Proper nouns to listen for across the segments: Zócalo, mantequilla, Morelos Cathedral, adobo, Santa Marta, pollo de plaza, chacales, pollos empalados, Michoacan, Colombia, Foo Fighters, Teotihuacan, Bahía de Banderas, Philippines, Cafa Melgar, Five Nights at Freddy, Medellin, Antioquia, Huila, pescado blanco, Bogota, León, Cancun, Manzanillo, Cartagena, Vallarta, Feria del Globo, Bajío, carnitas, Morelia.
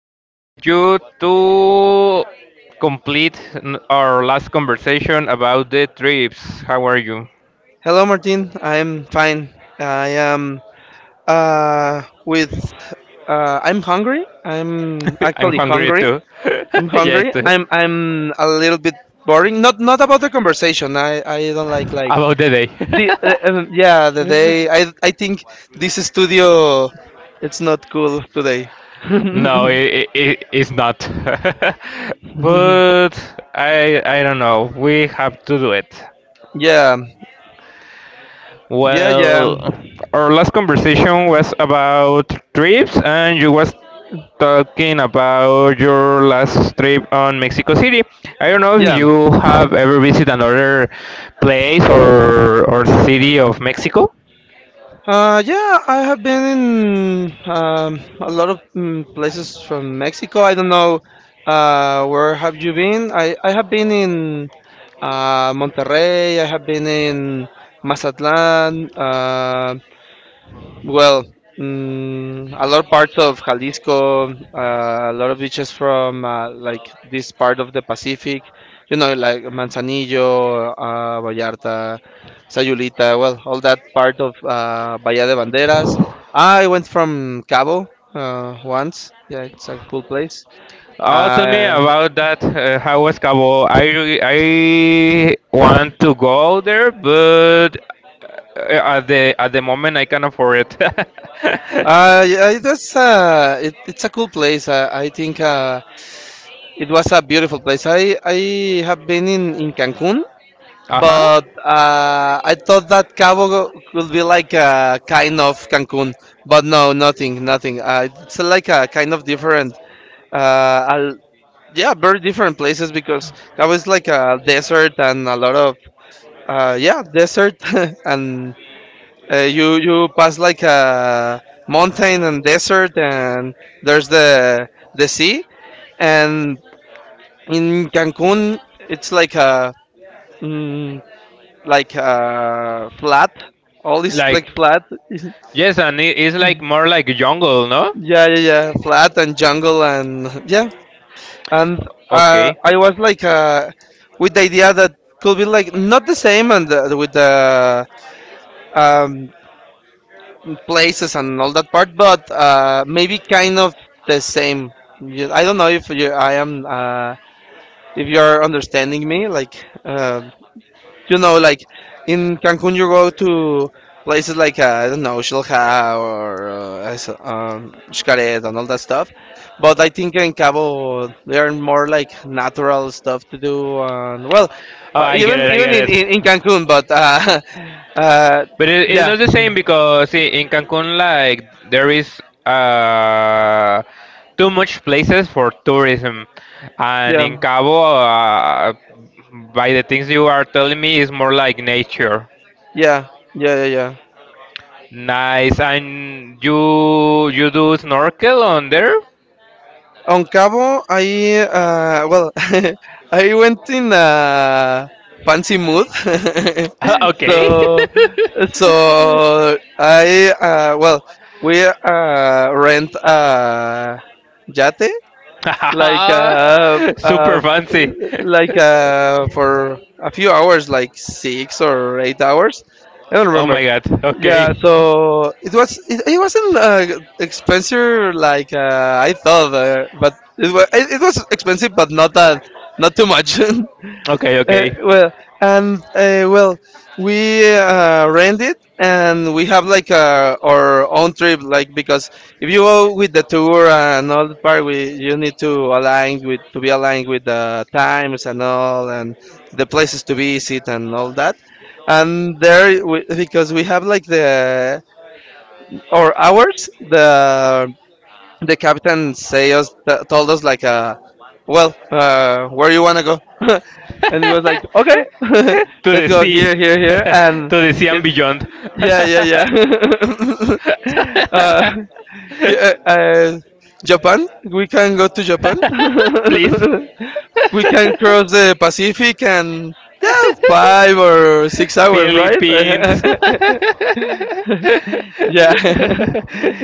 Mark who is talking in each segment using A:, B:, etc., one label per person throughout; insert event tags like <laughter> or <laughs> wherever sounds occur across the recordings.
A: here with you to complete our last conversation about the trips. How are you?
B: Hello, Martin. I'm fine. I am with. I'm hungry. I'm
A: <laughs> I'm
B: actually
A: hungry
B: hungry.
A: too.
B: I'm
A: <laughs> Yes,
B: hungry.
A: too.
B: I'm a little bit boring. Not about the conversation. I don't like
A: About the day.
B: the the day. I think this studio. It's not cool today.
A: <laughs> No, it,
B: <laughs>
A: it, it's not. <laughs> But I don't know. We have to do it.
B: yeah yeah yeah
A: Well, our last conversation was about trips, and you was talking about your last trip on Mexico City. I don't know if
B: yeah.
A: you have ever visited another place or city of Mexico.
B: Yeah, I have been in a lot of places from Mexico. I don't know, where have you been. I have been in Monterrey. I have been in Mazatlan. Well, a lot of parts of Jalisco, a lot of beaches from like this part of the Pacific, you know, like Manzanillo, Vallarta, Sayulita, well, all that part of Bahía de Banderas. I went from Cabo once. Yeah, it's a cool place.
A: Oh, tell me
B: Uh,
A: about that. How was Cabo? I want to go there, but uh, at the moment I can't afford it. <laughs>
B: yeah, it was, it's a cool place. I think it was a beautiful place. I have been in Cancun,
A: Uh huh.
B: but I thought that Cabo could be like a kind of Cancun, but no, nothing, nothing. It's like a kind of different, uh, al- yeah, very different places because Cabo is like a desert and a lot of, yeah, desert, <laughs> and you pass like a mountain and desert, and there's the sea, and in Cancun it's like a mm, like flat. All is like
A: Like.
B: flat. <laughs>
A: Yes, and it is like more like jungle, no?
B: Yeah, yeah, yeah. Flat and jungle and yeah. And
A: Okay.
B: I was like with the idea that could be like not the same and with the um, places and all that part, but maybe kind of the same. I don't know if you, I am if you're understanding me. Like, uh, you know, like in Cancun, you go to places like I don't know, Xilha or Xcaret and all that stuff. But I think in Cabo there are more like natural stuff to do, and well,
A: Oh, I get
B: even
A: it. I
B: even
A: get
B: in
A: it.
B: Cancun, but <laughs> uh,
A: But it's
B: yeah,
A: not the same because see, in Cancun, like there is too much places for tourism, and
B: yeah,
A: in Cabo, by the things you are telling me, is more like nature.
B: yeah, yeah, yeah, yeah.
A: Nice. And you do snorkel on there?
B: On Cabo, I well, <laughs> I went in a fancy mood,
A: <laughs>
B: <laughs>
A: Okay.
B: so
A: <laughs>
B: so I well, we rent a yate like uh,
A: <laughs>
B: uh,
A: Super fancy.
B: like for a few hours, like 6 or 8 hours. I don't
A: Oh
B: remember.
A: my god.
B: Yeah,
A: Okay.
B: so it was, it wasn't expensive like I thought, but it was, it was expensive, but not too much. <laughs>
A: Okay, okay.
B: Well, and well, we rent it and we have like our own trip, like because if you go with the tour and all the part, we you need to align with to be aligned with the times and all and the places to visit and all that. And there, we, because we have like the our hours, the captain say us told us like where you wanna go <laughs> and it was like, okay,
A: <laughs> To
B: <laughs> let's
A: the
B: go
A: sea.
B: here, here,
A: <laughs>
B: here,
A: To
B: and
A: the sea and
B: it,
A: beyond.
B: yeah,
A: <laughs>
B: yeah, yeah. <laughs> Here, Japan, we can go to Japan. <laughs>
A: Please.
B: We can cross the Pacific and yeah, 5 or 6 hours,
A: Philippines.
B: right?
A: <laughs>
B: <laughs> Yeah. <laughs>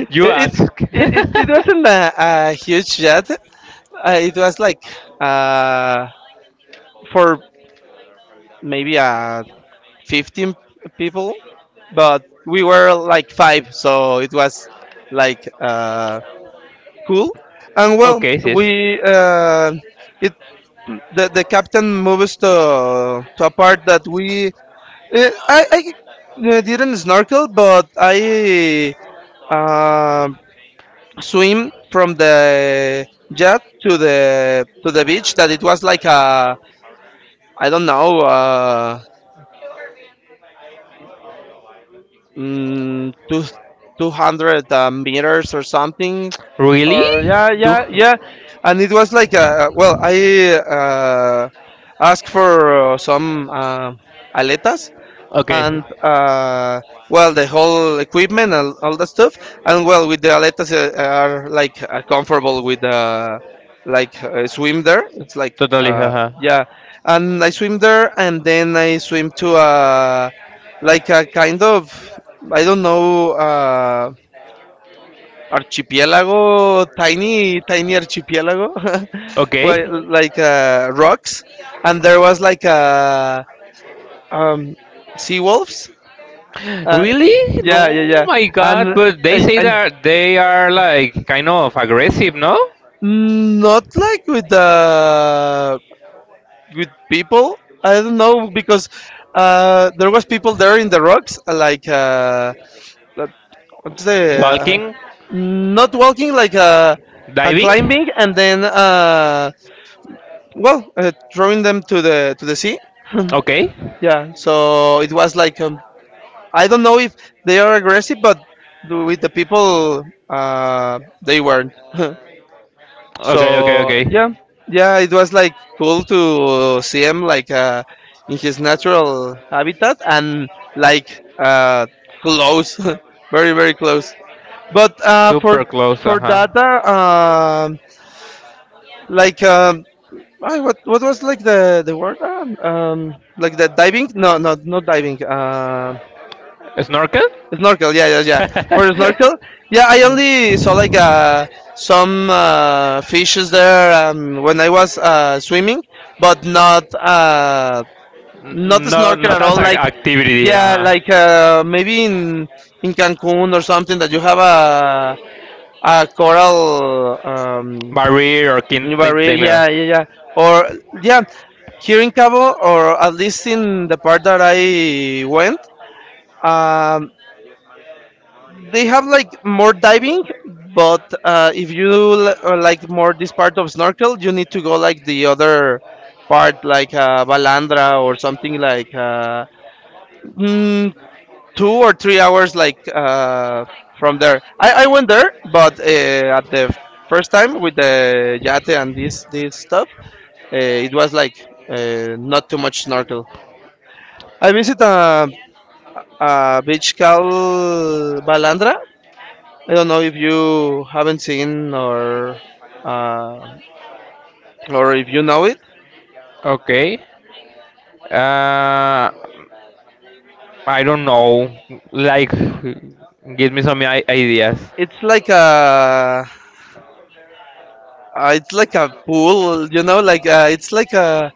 A: You
B: it it
A: ask.
B: it wasn't a huge jet. It was like uh, for maybe 15 people, but we were like five, so it was like cool. And
A: <laughs>
B: well,
A: Okay, sis.
B: we it the captain moves to a part that we, I didn't snorkel, but I uh, swim from the jet to the beach. That it was like a, I don't know. Mm, two, 200 meters or something
A: Really?
B: or yeah,
A: Two.
B: yeah, yeah. And it was like, well, I asked for some aletas
A: Okay,
B: and well the whole equipment and all that stuff, and well with the aletas are like comfortable with like swim there, it's like
A: totally, haha.
B: yeah. And I swim there and then I swim to like a kind of, I don't know, archipelago, tiny archipelago, <laughs>
A: Okay,
B: well, like rocks, and there was like um, sea wolves, uh,
A: really?
B: yeah, yeah,
A: No,
B: yeah.
A: my God!
B: And
A: But they say
B: and
A: that they are like kind of aggressive, no?
B: not like with the with people. I don't know because there was people there in the rocks, like that- what's the uh,
A: Walking,
B: not walking like
A: diving.
B: climbing and then well throwing them to the sea. <laughs>
A: Okay,
B: Yeah, so it was like I don't know if they are aggressive, but with the people they were
A: okay, okay,
B: so,
A: okay.
B: yeah, yeah, it was like cool to see him like in his natural habitat and like close, <laughs> very close, but
A: Super
B: for
A: close, uh-huh.
B: data, like um I, what was like the word, like the diving, no, not diving,
A: Snorkel? <laughs>
B: snorkel, yeah, yeah, yeah. For the
A: N-
B: snorkel, yeah, I only saw like some fishes there when I was swimming, but not not the
A: No,
B: snorkel
A: not
B: at
A: as
B: all.
A: an
B: Like,
A: activity,
B: yeah,
A: uh-huh.
B: like maybe in Cancun or something, that you have a coral
A: Barrier or Quentin
B: barrier.
A: Taylor.
B: Yeah, yeah, yeah. Or yeah, here in Cabo, or at least in the part that I went. Um, They have like more diving, but if you like more this part of snorkel, you need to go like the other part, like Balandra or something like mm, 2 or 3 hours, like from there. I went there, but at the first time with the yate and this stuff, it was like not too much snorkel. I visit a beach called Balandra, I don't know if you haven't seen uh, or if you know it.
A: Okay. Uh, I don't know. Like, give me some ideas.
B: It's like a, it's like a pool, you know, like it's like a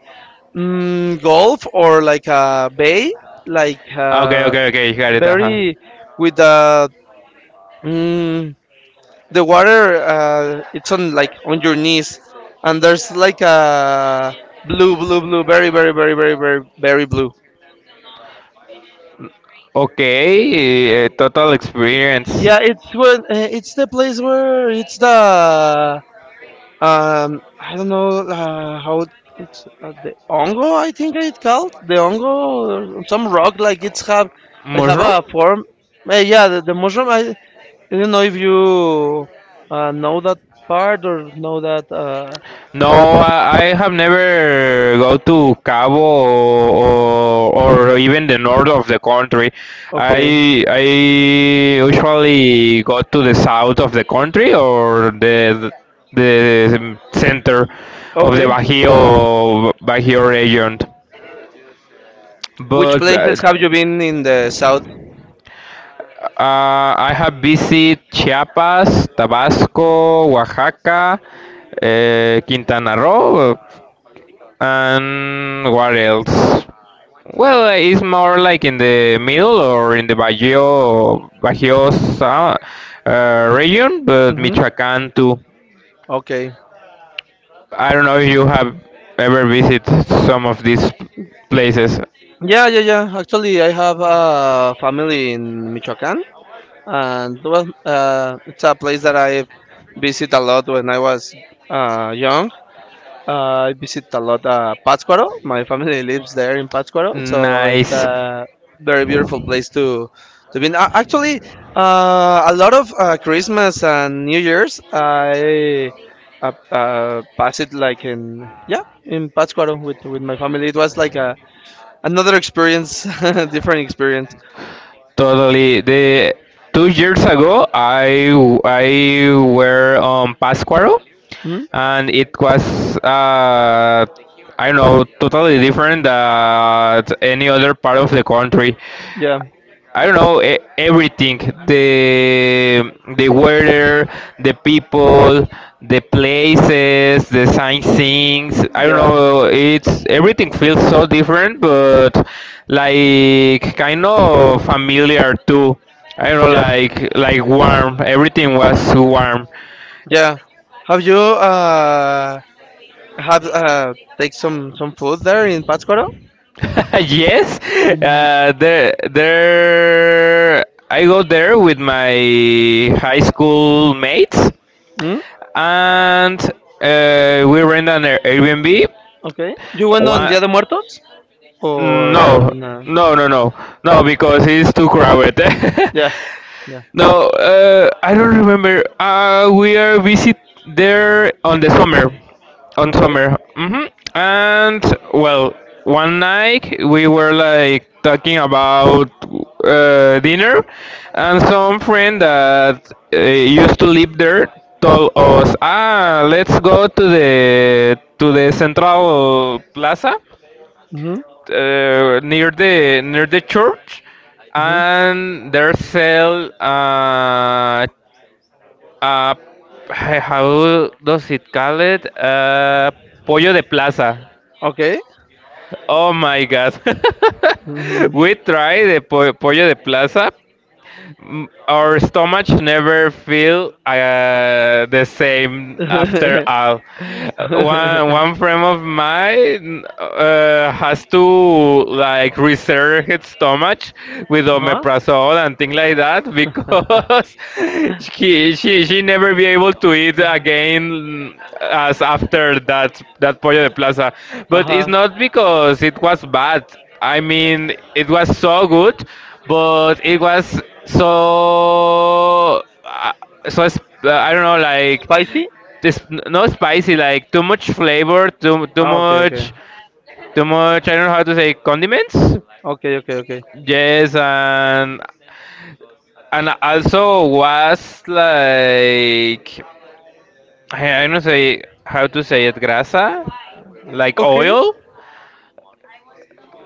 B: golf or like a bay, like
A: Okay, okay, okay. Got it. Uh-huh.
B: very with the mm, the water. It's on like on your knees, and there's like a blue, blue, blue, very, very, very, very, very, very blue.
A: Okay, total experience.
B: Yeah, it's when it's the place where it's the, I don't know how it's the ongo. I think it's called the ongo or some rock like it's have like have
A: Mushroom?
B: a form. Yeah, the mushroom. I didn't know if you know that part or know that.
A: No, I have never go to Cabo or even the north of the country.
B: Okay,
A: I usually go to the south of the country or the center of the
B: okay.
A: Bajío region.
B: Which
A: But
B: places have you been in the south?
A: I have visited Chiapas, Tabasco, Oaxaca, Quintana Roo, and what else? Well, it's more like in the middle or in the Bajío, region, but
B: Mm-hmm.
A: Michoacán too.
B: Okay.
A: I don't know if you have ever visited some of these places.
B: Yeah, yeah, yeah. Actually, I have a family in Michoacan, and well, it's a place that I visit a lot when I was young. I visit a lot, Pátzcuaro. My family lives there in Pátzcuaro, so it's
A: Nice.
B: a very beautiful place to be. In. Actually, a lot of Christmas and New Year's I pass it like in yeah in Pátzcuaro with my family. It was like a another experience, <laughs> different experience.
A: Totally. The 2 years ago, I were on Pascuaro,
B: Mhm.
A: and it was I don't know totally different than any other part of the country.
B: Yeah,
A: I don't know everything the weather, the people, the places, the sightseeing. I don't
B: yeah,
A: know. It's everything feels so different, but like kind of familiar too. I don't know,
B: yeah.
A: like warm. Everything was warm.
B: Yeah. Have you have take some food there in Pátzcuaro?
A: <laughs> Yes,
B: Mm,
A: there. I go there with my high school mates
B: mm,
A: and we rent an Airbnb.
B: okay. You went on
A: One,
B: Dia de Muertos
A: no,
B: or no?
A: no, no, no, no, because it's too crowded. <laughs>
B: Yeah. Yeah.
A: No, I don't remember. We are visit there on the summer, on
B: Okay.
A: summer. Hmm. And well, one night we were like talking about dinner, and some friend that used to live there told us, "Ah, let's go to the Central Plaza."
B: Mhm.
A: Near the church,
B: Mhm.
A: and there sell uh, how does it call it? Pollo de plaza.
B: Okay.
A: Oh my god. <laughs>
B: Mhm.
A: We tried the pollo de plaza. Our stomach never feel the
B: <laughs>
A: same after
B: uh
A: all. One friend of mine has to like reserve his stomach with
B: huh?
A: omeprazole and things like that because <laughs> she never be able to eat again as after that Pollo de Plaza.
B: Uh
A: But it's
B: huh.
A: not because it was bad. I mean, it was so good but it was so so I don't know
B: <laughs>
A: like
B: Spicy?
A: this no spicy like too much flavor too too
B: Ah, okay. Okay.
A: much too much I don't know how to say condiments
B: Okay. Okay. Okay.
A: yes and also was like I don't say how to say it grasa like
B: Okay.
A: oil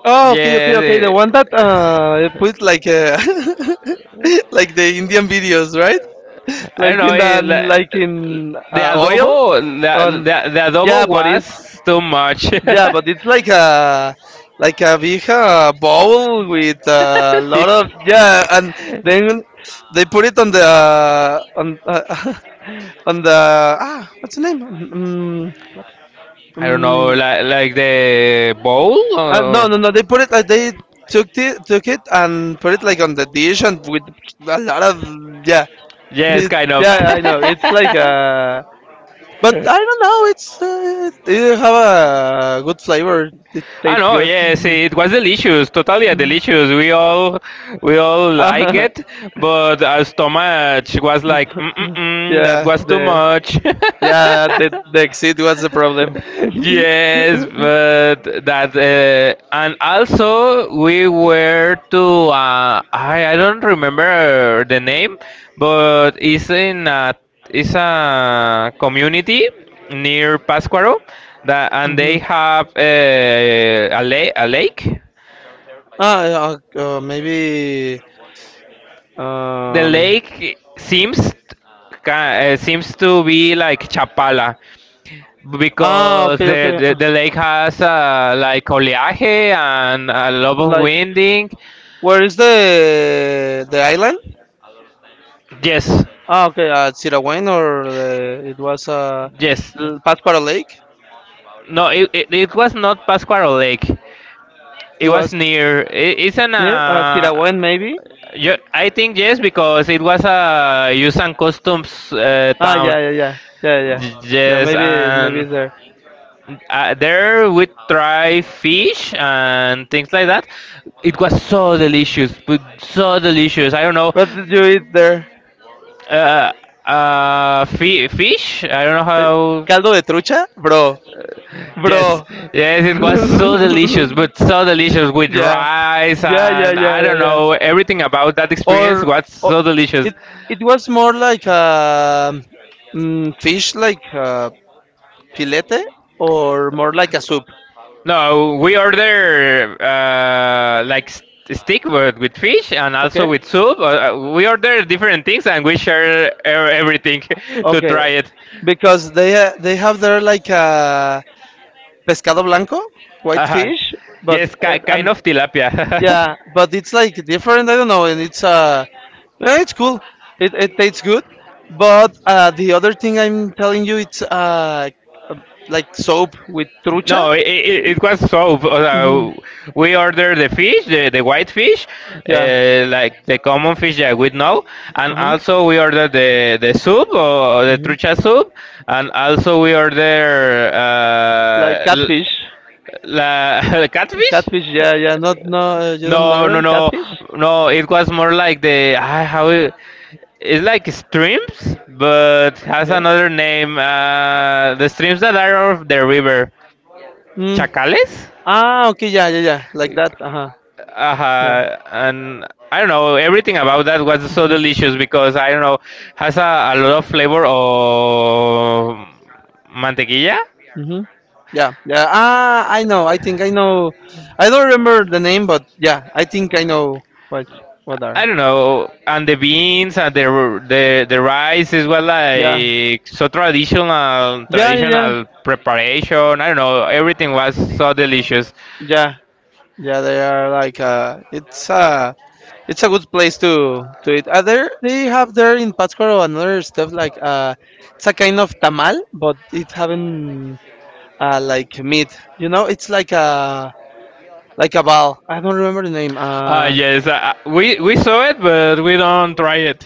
B: Oh, okay, okay, okay. The
A: yes
B: one that put like <laughs> like the Indian videos, right?
A: I don't
B: Like
A: know.
B: in the like in
A: The
B: oil
A: adobo, the,
B: on.
A: the, the
B: Yeah,
A: adobo
B: but it's
A: was too much.
B: yeah, but it's
A: <laughs>
B: like a big bowl with a lot
A: Yes.
B: of yeah, and then they put it on the on <laughs> on the, ah, what's the name?
A: I don't know,
B: Mm,
A: like the bowl
B: No,
A: or
B: no, no. They put it like they took it, and put it like on the dish and with a lot of yeah,
A: yes,
B: it,
A: kind of.
B: yeah. I know
A: <laughs>
B: it's like but I don't know. It's it have a good flavor. It
A: I
B: tastes
A: know,
B: good.
A: yes,
B: <laughs>
A: it was delicious, totally delicious. We all like
B: Uh,
A: it, but our stomach was like,
B: <laughs>
A: that
B: yeah,
A: was too
B: the
A: much.
B: yeah
A: <laughs>
B: the exit was the problem. <laughs>
A: Yes, but that and also we were to I don't remember the name, but it's it's a community near Pascuaro that and
B: Mhm.
A: they have a lake.
B: Ah, yeah, maybe
A: The
B: um.
A: lake seems seems to be like Chapala.
B: Ah,
A: Because
B: okay,
A: the,
B: okay.
A: the, the lake has like oleaje and a lot of
B: Like,
A: winding.
B: where is the island?
A: Yes,
B: Ah, okay, at Sirawen or the, it was
A: yes.
B: Pascuaro Lake.
A: No, it was not Pascuaro Lake. It
B: It
A: was
B: was
A: near. It, it's an.
B: near Sirawen, maybe.
A: I think yes because it was a use and customs
B: Ah,
A: town.
B: yeah, yeah, yeah, yeah, yeah, yeah.
A: Yes,
B: Maybe, maybe
A: and
B: it's there.
A: there we try fish and things like that. It was so delicious, but so delicious. I don't know.
B: What did you eat there?
A: Uh, fi fish? I don't know
B: Eh, Caldo
A: how.
B: de trucha, bro,
A: Yes,
B: bro.
A: yes, it was so delicious, but
B: <laughs>
A: so delicious with
B: Yeah,
A: rice
B: yeah, yeah,
A: and
B: yeah,
A: I
B: yeah,
A: don't
B: yeah.
A: know everything about that experience
B: Or,
A: was
B: or
A: so delicious.
B: it it was more like fish, like filete, or more like a soup.
A: No, we order like steak but with fish and also
B: Okay,
A: with soup. We order different things and we share everything <laughs> to
B: okay.
A: try it.
B: Because they have their like pescado blanco, white
A: Uh-huh.
B: fish, but
A: Yes, ki kind
B: and
A: of tilapia. <laughs>
B: yeah, but it's like different. I don't know, and it's yeah, it's cool. It tastes good, but the other thing I'm telling you, it's uh, like soap with trucha.
A: No, it was so.
B: hmm
A: We ordered the fish, the white fish,
B: Yeah.
A: like the common fish that we know, and
B: Uh-huh.
A: also we ordered the soup or the
B: hmm
A: trucha soup, and also we order
B: Like catfish.
A: <laughs> catfish.
B: Catfish. Yeah, yeah. Not no. You don't
A: No, no,
B: order
A: no,
B: catfish.
A: no. It was more like the I how it's like streams, but has
B: Okay.
A: another name. The streams that are of the river,
B: Mm.
A: chacales.
B: Ah. Okay. Yeah. Yeah. Yeah. Like that. Uh huh. Yeah.
A: And I don't know. Everything about that was so delicious because I don't know has a lot of flavor of mantequilla
B: Mm-hmm. Yeah, yeah. Ah, I know. I think I know. I don't remember the name, but yeah, I think I know what are.
A: I don't know, and the beans and the the rice is well
B: Yeah,
A: like so traditional
B: yeah, yeah,
A: traditional preparation. I don't know, everything was so delicious.
B: yeah, yeah, yeah, they are like it's a good place to eat. There they have there in Pátzcuaro another stuff like it's a kind of tamal, but it having like meat. You know, it's like a ball. I don't remember the name.
A: Ah, yes, we saw it, but we don't try it.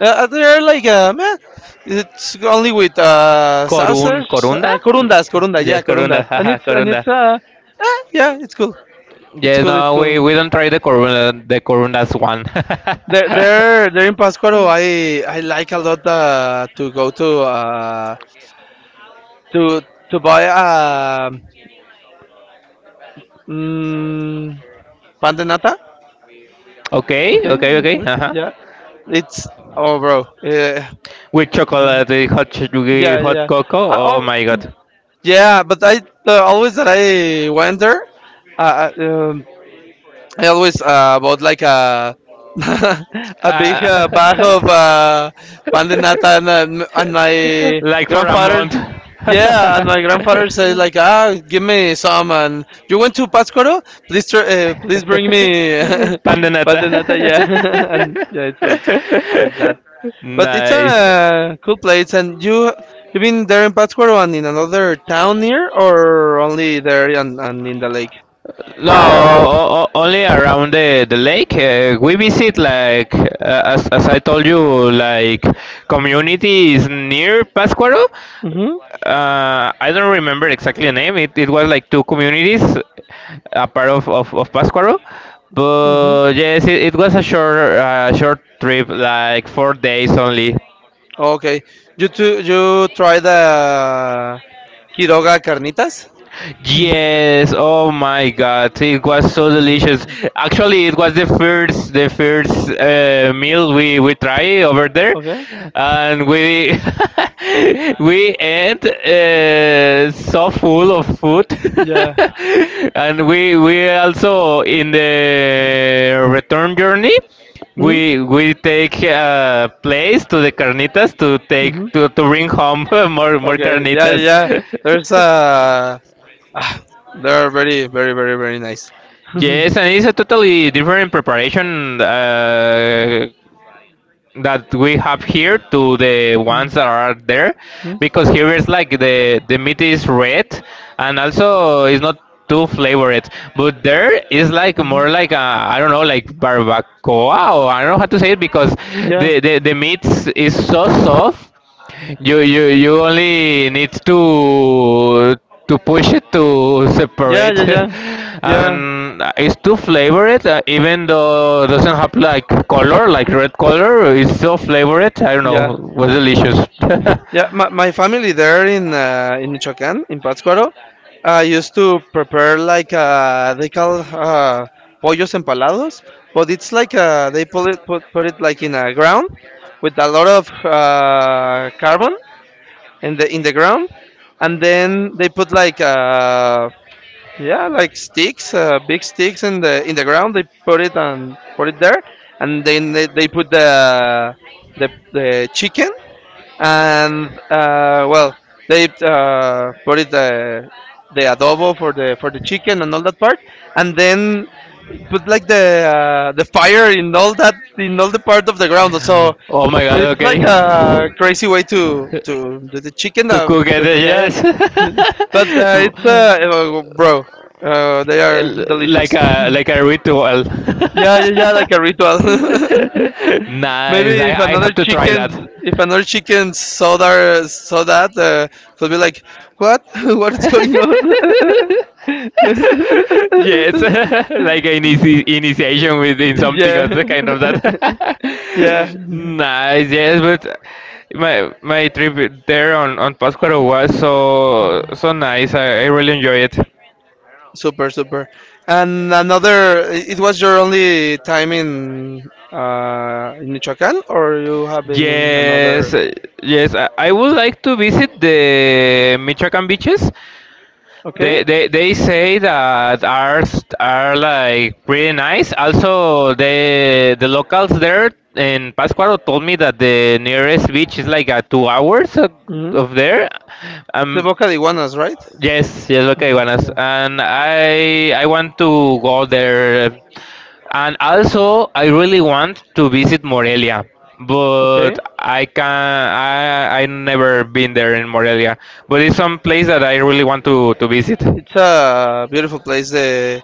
B: They're like, man, it's only with sausage,
A: Corunda? Mm,
B: corunda, yeah,
A: yes, corunda.
B: corundas,
A: <laughs>
B: and
A: Haha,
B: it's and
A: corunda.
B: it's uh, eh, yeah, it's cool, it's
A: Yes,
B: cool, it's
A: no,
B: cool.
A: we don't try the corundas one.
B: There in Pascuaro, I like a lot to go to to to buy mm, pan de nata.
A: <laughs> Okay,
B: Okay,
A: okay,
B: that's
A: okay.
B: right.
A: Uh-huh.
B: Yeah, it's yeah,
A: With chocolate, hot
B: yeah,
A: hot
B: yeah. I,
A: cocoa. Oh
B: oh,
A: my god.
B: yeah, but always that I went there. Uh, uh, um, I always bought like a <laughs> a big bag
A: Uh,
B: of pandinata, and and
A: <laughs>
B: my
A: like for a
B: grandfather's
A: month. <laughs> <laughs>
B: grandfather said like, "Ah, give me some, and you went to Pascuaro, please please bring me." <laughs>
A: Pandanata.
B: Pandanata, yeah. <laughs> And yeah, it's like that, but it's
A: <laughs> Nice.
B: a cool place. And you been there in Pascuaro and in another town near, or only there and in the lake?
A: No, only around the lake. We visit like as I told you, like communities near Pascuaro.
B: Mm-hmm.
A: I don't remember exactly the name. It was like two communities, a part of Pascuaro. But yes, it was a short trip, like 4 days only.
B: Okay. You too, you try the Quiroga carnitas? Mhm.
A: Yes, oh my God, it was so
B: Mm,
A: delicious.
B: okay.
A: Actually, it was the first meal we tried over there,
B: Okay.
A: and we <laughs> we ate so full of food,
B: Yeah.
A: <laughs> and we also in the return journey.
B: Mm?
A: We take place to the carnitas to take
B: Mm-hmm.
A: to bring home <laughs> more
B: Okay. Yeah, yeah,
A: carnitas.
B: yeah. There's
A: <laughs>
B: a ah, they're very very very very nice. <laughs> hmm
A: Yes, and it's a totally different preparation that we have here to the ones that are there,
B: hmm
A: because here is like the meat is red, and also it's not too flavored. But there is like more like a, I don't know, like barbacoa, or I don't know how to say it because
B: Yeah.
A: the meat is so soft you only need to push it to
B: Yeah,
A: separate,
B: yeah, yeah.
A: <laughs>
B: Yeah.
A: and it's too flavored. Even though doesn't have like color, like red color, it's so flavored. I don't
B: Yeah.
A: know, was delicious.
B: Yeah,
A: <laughs>
B: my family there in Michoacán, in Pátzcuaro, I used to prepare like they call pollos empalados, but it's like they put it like in a ground with a lot of carbon in the ground, and then they put like yeah like sticks, big sticks in the ground, they put it and put it there, and then they put the the chicken, and well, they put it the adobo for the chicken and all that part, and then put like the fire in all that, in all the part of the ground. So
A: Oh my god!
B: it's
A: Okay,
B: like a crazy way to do the chicken.
A: to cook it,
B: Because, yeah,
A: yes,
B: <laughs> but it's bro, they are
A: <laughs> like
B: delicious.
A: a like a ritual.
B: Yeah,
A: <laughs>
B: yeah, yeah, like a ritual. <laughs>
A: Nice.
B: Maybe
A: I I have to try that.
B: if another chicken saw that, could be like, "What? <laughs> What is going on?"
A: <laughs> Yes,
B: <laughs>
A: <laughs> like an initiation within something or
B: Yeah,
A: the kind of that.
B: <laughs> yeah.
A: <laughs> Nice, yes, but my trip there on Pátzcuaro was so so nice. I really enjoy it.
B: Super, super. And another, it was your only time in Michoacán, or you have been in
A: Yes,
B: another?
A: yes, I would like to visit the Michoacán beaches.
B: Okay.
A: They say that are like pretty nice. Also, the locals there in Pascuaro told me that the nearest beach is like a 2 hours of,
B: Mm-hmm.
A: of there.
B: It's a
A: Um,
B: Boca de Iguanas, right?
A: yes, yes, okay,
B: hmm
A: Iguanas,
B: Yeah.
A: and I want to go there, and also I really want to visit Morelia,
B: Okay.
A: but I can I never been there in Morelia, but it's some place that I really want to visit.
B: It's a beautiful place. The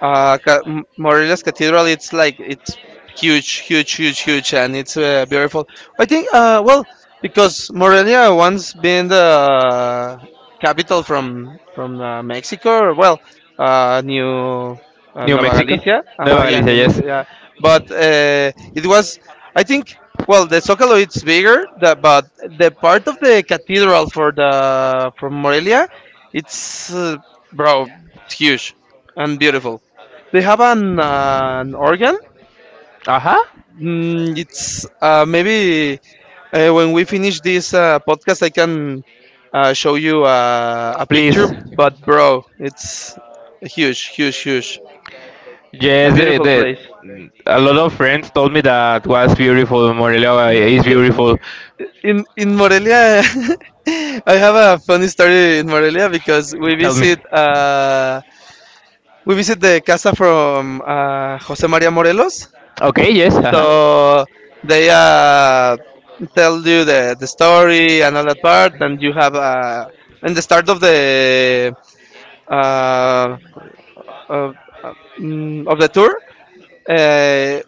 B: Morelos Cathedral. It's like it's huge, huge, huge, huge, and it's beautiful. I think. Well, because Morelia once been the capital from Mexico. Or, well, New
A: New
B: Nova
A: Mexico,
B: Galicia.
A: Nueva
B: Uh-huh, yeah,
A: Galicia,
B: New
A: yes.
B: Mexico. Yeah. But it was. I think. Well, the Zócalo it's bigger, the, but the part of the cathedral for the from Morelia it's bro. It's huge and beautiful. They have an organ.
A: Aha.
B: Mm, it's maybe when we finish this podcast, I can show you a
A: Please.
B: picture. But bro, it's huge, huge, huge. A
A: Yes,
B: beautiful place.
A: the a lot of friends told me that was beautiful. Morelia is
B: Yeah,
A: beautiful.
B: in Morelia, <laughs> I have a funny story in Morelia because
A: Tell me.
B: we visit the casa from Jose Maria Morelos.
A: Okay, yes. Haha.
B: So they tell you the story and all that part, and you have in the start of the uh, of, of the tour, uh,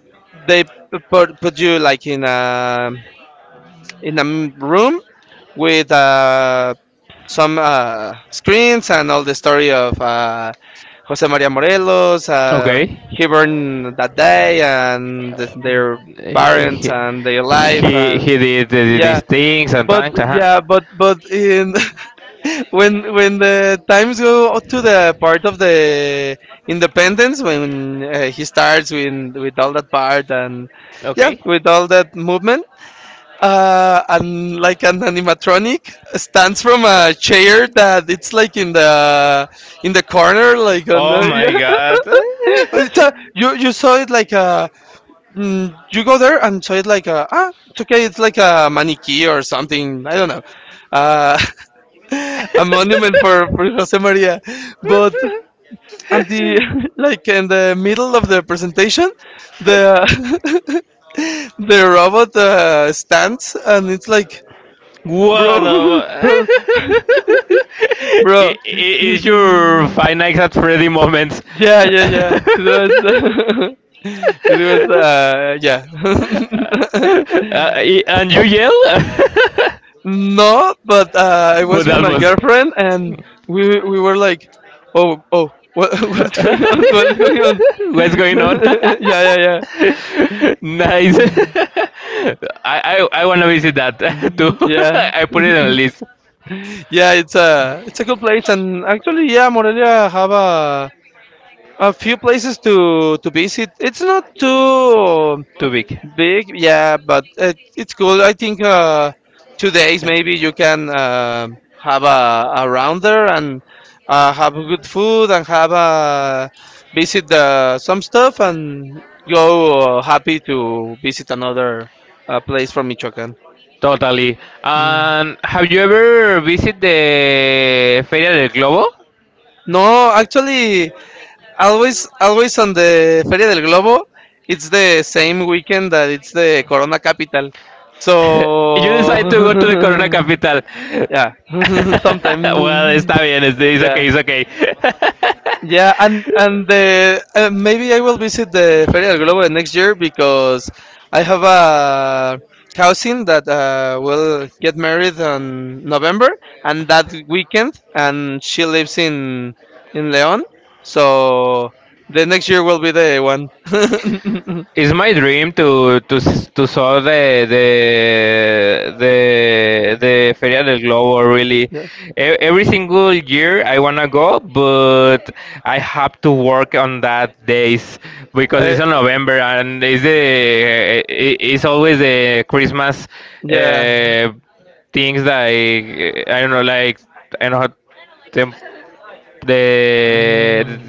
B: they put you like in a room with some screens and all the story of Jose Maria Morelos.
A: Okay.
B: He burned that day and their parents
A: he,
B: and their life
A: he he
B: and
A: did
B: yeah.
A: these things and
B: But
A: things.
B: yeah, but in <laughs> when the times go to the part of the independence, when he starts with all that part and yeah, with all that movement, and like an animatronic stands from a chair that it's like in the corner like on
A: Oh my
B: the <laughs>
A: god.
B: <laughs>
A: <laughs>
B: But it's a, you saw it like a mm, you go there and saw it like, a "ah, it's okay, it's like a maniquí or something, I don't know, uh, <laughs> a monument for Jose Maria." But at the <laughs> like in the middle of the presentation, the <laughs> the robot stands and it's like,
A: What
B: bro, <laughs> bro,
A: a. <laughs>
B: bro.
A: Is your
B: <laughs>
A: Five Nights at Freddy moments?
B: Yeah, yeah, yeah. It
A: <laughs>
B: was, <laughs> it was, yeah.
A: And you yell? <laughs>
B: <laughs> No, but I was
A: But
B: with
A: that
B: my
A: was.
B: girlfriend, and we were like, oh, oh, what <laughs> what's going
A: <laughs>
B: on? What is going on?
A: What's going on?
B: <laughs> Yeah,
A: <laughs>
B: yeah, yeah.
A: Nice. <laughs> I want to visit that <laughs> too.
B: Mhm,
A: <laughs>
B: yeah,
A: I put it on a list.
B: <laughs> yeah. It's a good place, and actually, yeah, Morelia have a few places to visit. It's not too
A: Too big.
B: big, yeah, but it, it's cool. I think 2 days maybe you can have a rounder and have good food and
A: Okay.
B: have a visit the, some stuff and go happy to visit another place from Michoacán.
A: Totally.
B: Mm.
A: And have you ever visited the Feria del Globo? <laughs>
B: No, actually, always, always on the Feria del Globo, it's the same weekend that it's the Corona capital. So
A: <laughs> Decide to go to the Corona
B: <laughs>
A: Capital. <laughs>
B: yeah, <laughs> sometimes.
A: Well, está bien, it's
B: Yeah,
A: okay, it's okay. <laughs>
B: yeah, and the maybe I will visit the Feria del Globo next year, because I have a cousin that will get married on November and that weekend, and she lives in León, so the next year will be the one. <laughs>
A: It's my dream to saw the Feria del Globo. Really,
B: Yeah,
A: Every single year I wanna go, but I have to work on that days because
B: I,
A: it's on November and it's it's always the Christmas
B: yeah,
A: uh, things like I don't know. Them the
B: Mm,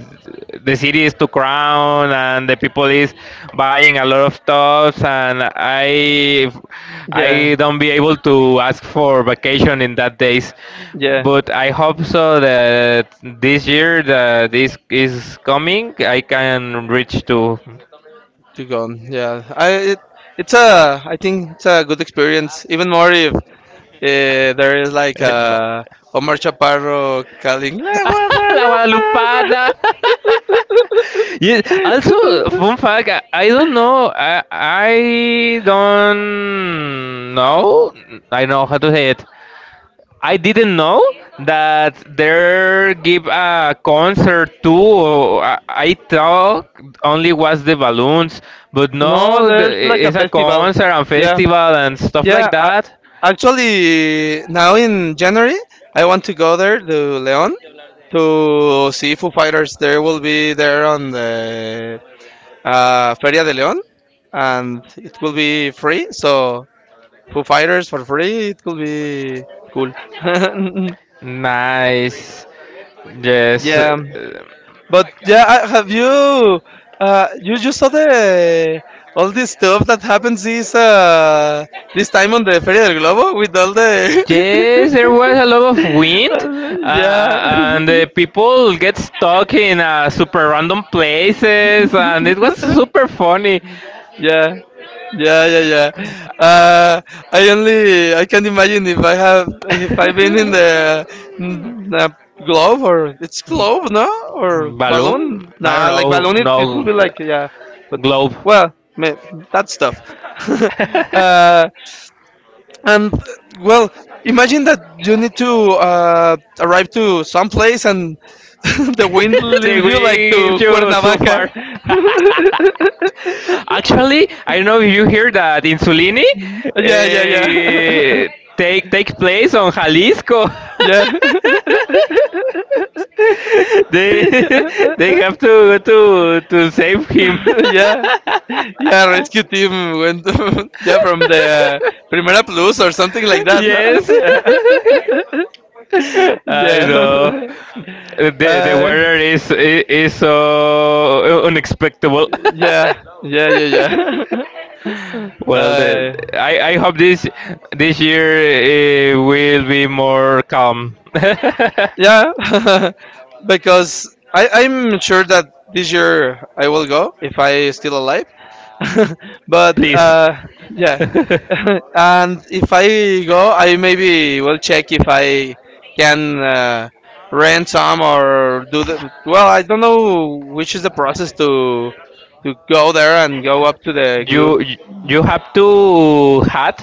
A: the city is too crowded and the people is buying a lot of stuffs and i
B: yeah,
A: i don't be able to ask for vacation in that days
B: yeah,
A: but I hope so that this year that this is coming I can reach to
B: to gone. Yeah, I, it, it's a I think it's a good experience. Even more if there is like
A: <laughs> no
B: a Omar Chaparro calling La
A: <laughs> La
B: Guadalupe.
A: Guadalupana. <laughs> Yes. Also, fun
B: <laughs>
A: fact. I don't know. I don't know. I know how to say it. I didn't know that there give a concert too. I thought only was the balloons, but
B: No,
A: no,
B: there's like a
A: it's a
B: festival.
A: concert and
B: Yeah,
A: festival and stuff
B: yeah.
A: like
B: I,
A: that.
B: actually, now in January, I want to go there to Leon to see Foo Fighters. They will be there on the Feria de León, and it will be free. So Foo Fighters for free. It could be cool. <laughs>
A: Nice. Yes.
B: Yeah, but yeah, have you? You just saw the all this stuff that happens this this time on the Feria del Globo with all the
A: Yes, there was a lot of wind,
B: <laughs> yeah.
A: and the
B: <laughs>
A: people get stuck in super random places, and it was super funny.
B: Yeah yeah yeah yeah. uh I only I can imagine if I have, if I've been in the,
A: <laughs>
B: n- uh glove, or it's glove, no, or
A: Balloon?
B: balloon,
A: I don't
B: nah, like
A: know.
B: balloon, it will be
A: No,
B: like yeah, but
A: globe.
B: well that stuff. <laughs>
A: <laughs>
B: uh and well imagine that you need to arrive to some place and <laughs> the wind
A: The
B: leaves you like
A: wind
B: to
A: gives you so
B: Cuernavaca.
A: far. <laughs> Actually, I don't know if you hear that Insulini
B: <laughs> Yeah yeah yeah. <laughs>
A: uh, take place on Jalisco.
B: Yeah.
A: <laughs> <laughs> They <laughs> they have to save him.
B: <laughs>
A: <laughs>
B: Yeah. Yeah, rescue team went <laughs> yeah from the Primera Plus or something like that, no? <laughs>
A: Yes. <laughs>
B: Yeah. <laughs>
A: I know.
B: Yeah.
A: The weather is so unexpected. <laughs>
B: Yeah. Yeah, yeah, yeah. <laughs>
A: Well,
B: uh
A: I I hope this year will be more calm.
B: Yeah, <laughs> because I, I'm sure that this year I will go if
A: <laughs>
B: I still alive. <laughs> But yeah, <laughs>
A: <laughs>
B: and if I go, I maybe will check if I can rent some or do the. Well, I don't know which is the process to go there and go up to the group.
A: you you you have to had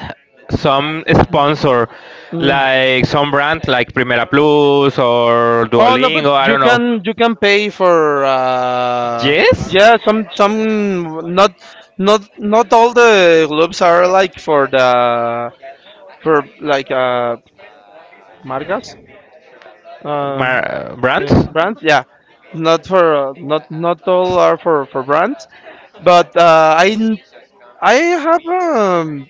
A: some sponsor
B: Mm.
A: like some brand like Primera Plus or
B: Oh no, but
A: Duolingo, I
B: you
A: don't know.
B: can you can pay for
A: Yes?
B: yeah, some, some. Not not all the gloves are like for the for like marcas, um
A: Brands?
B: brands, yeah. Not for not not all are for brands, but I have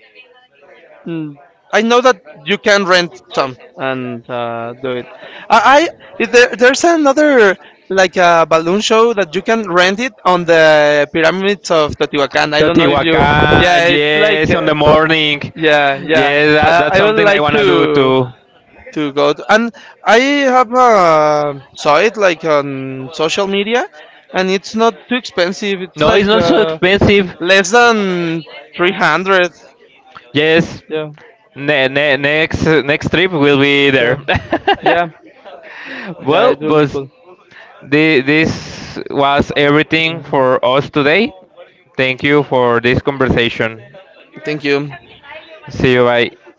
B: Mm. I know that you can rent some and do it. I Is there, there's another like a balloon show that you can rent it on the pyramids of Teotihuacan. I don't know if you.
A: Teotihuacan,
B: Yeah, it's like
A: yes, on the morning.
B: yeah yeah.
A: Yes, that, that's
B: I would
A: something I
B: like
A: wanna do too.
B: to go to, and I have saw it like on social media, and it's not too expensive. It's
A: No, it's
B: like
A: not so expensive.
B: less than 300.
A: Yes,
B: Yeah
A: next trip will be
B: yeah
A: there.
B: yeah.
A: <laughs>
B: Yeah,
A: Well,
B: it will be
A: but
B: cool.
A: This was everything for us today. Thank you for this conversation.
B: Thank you.
A: See you. Bye.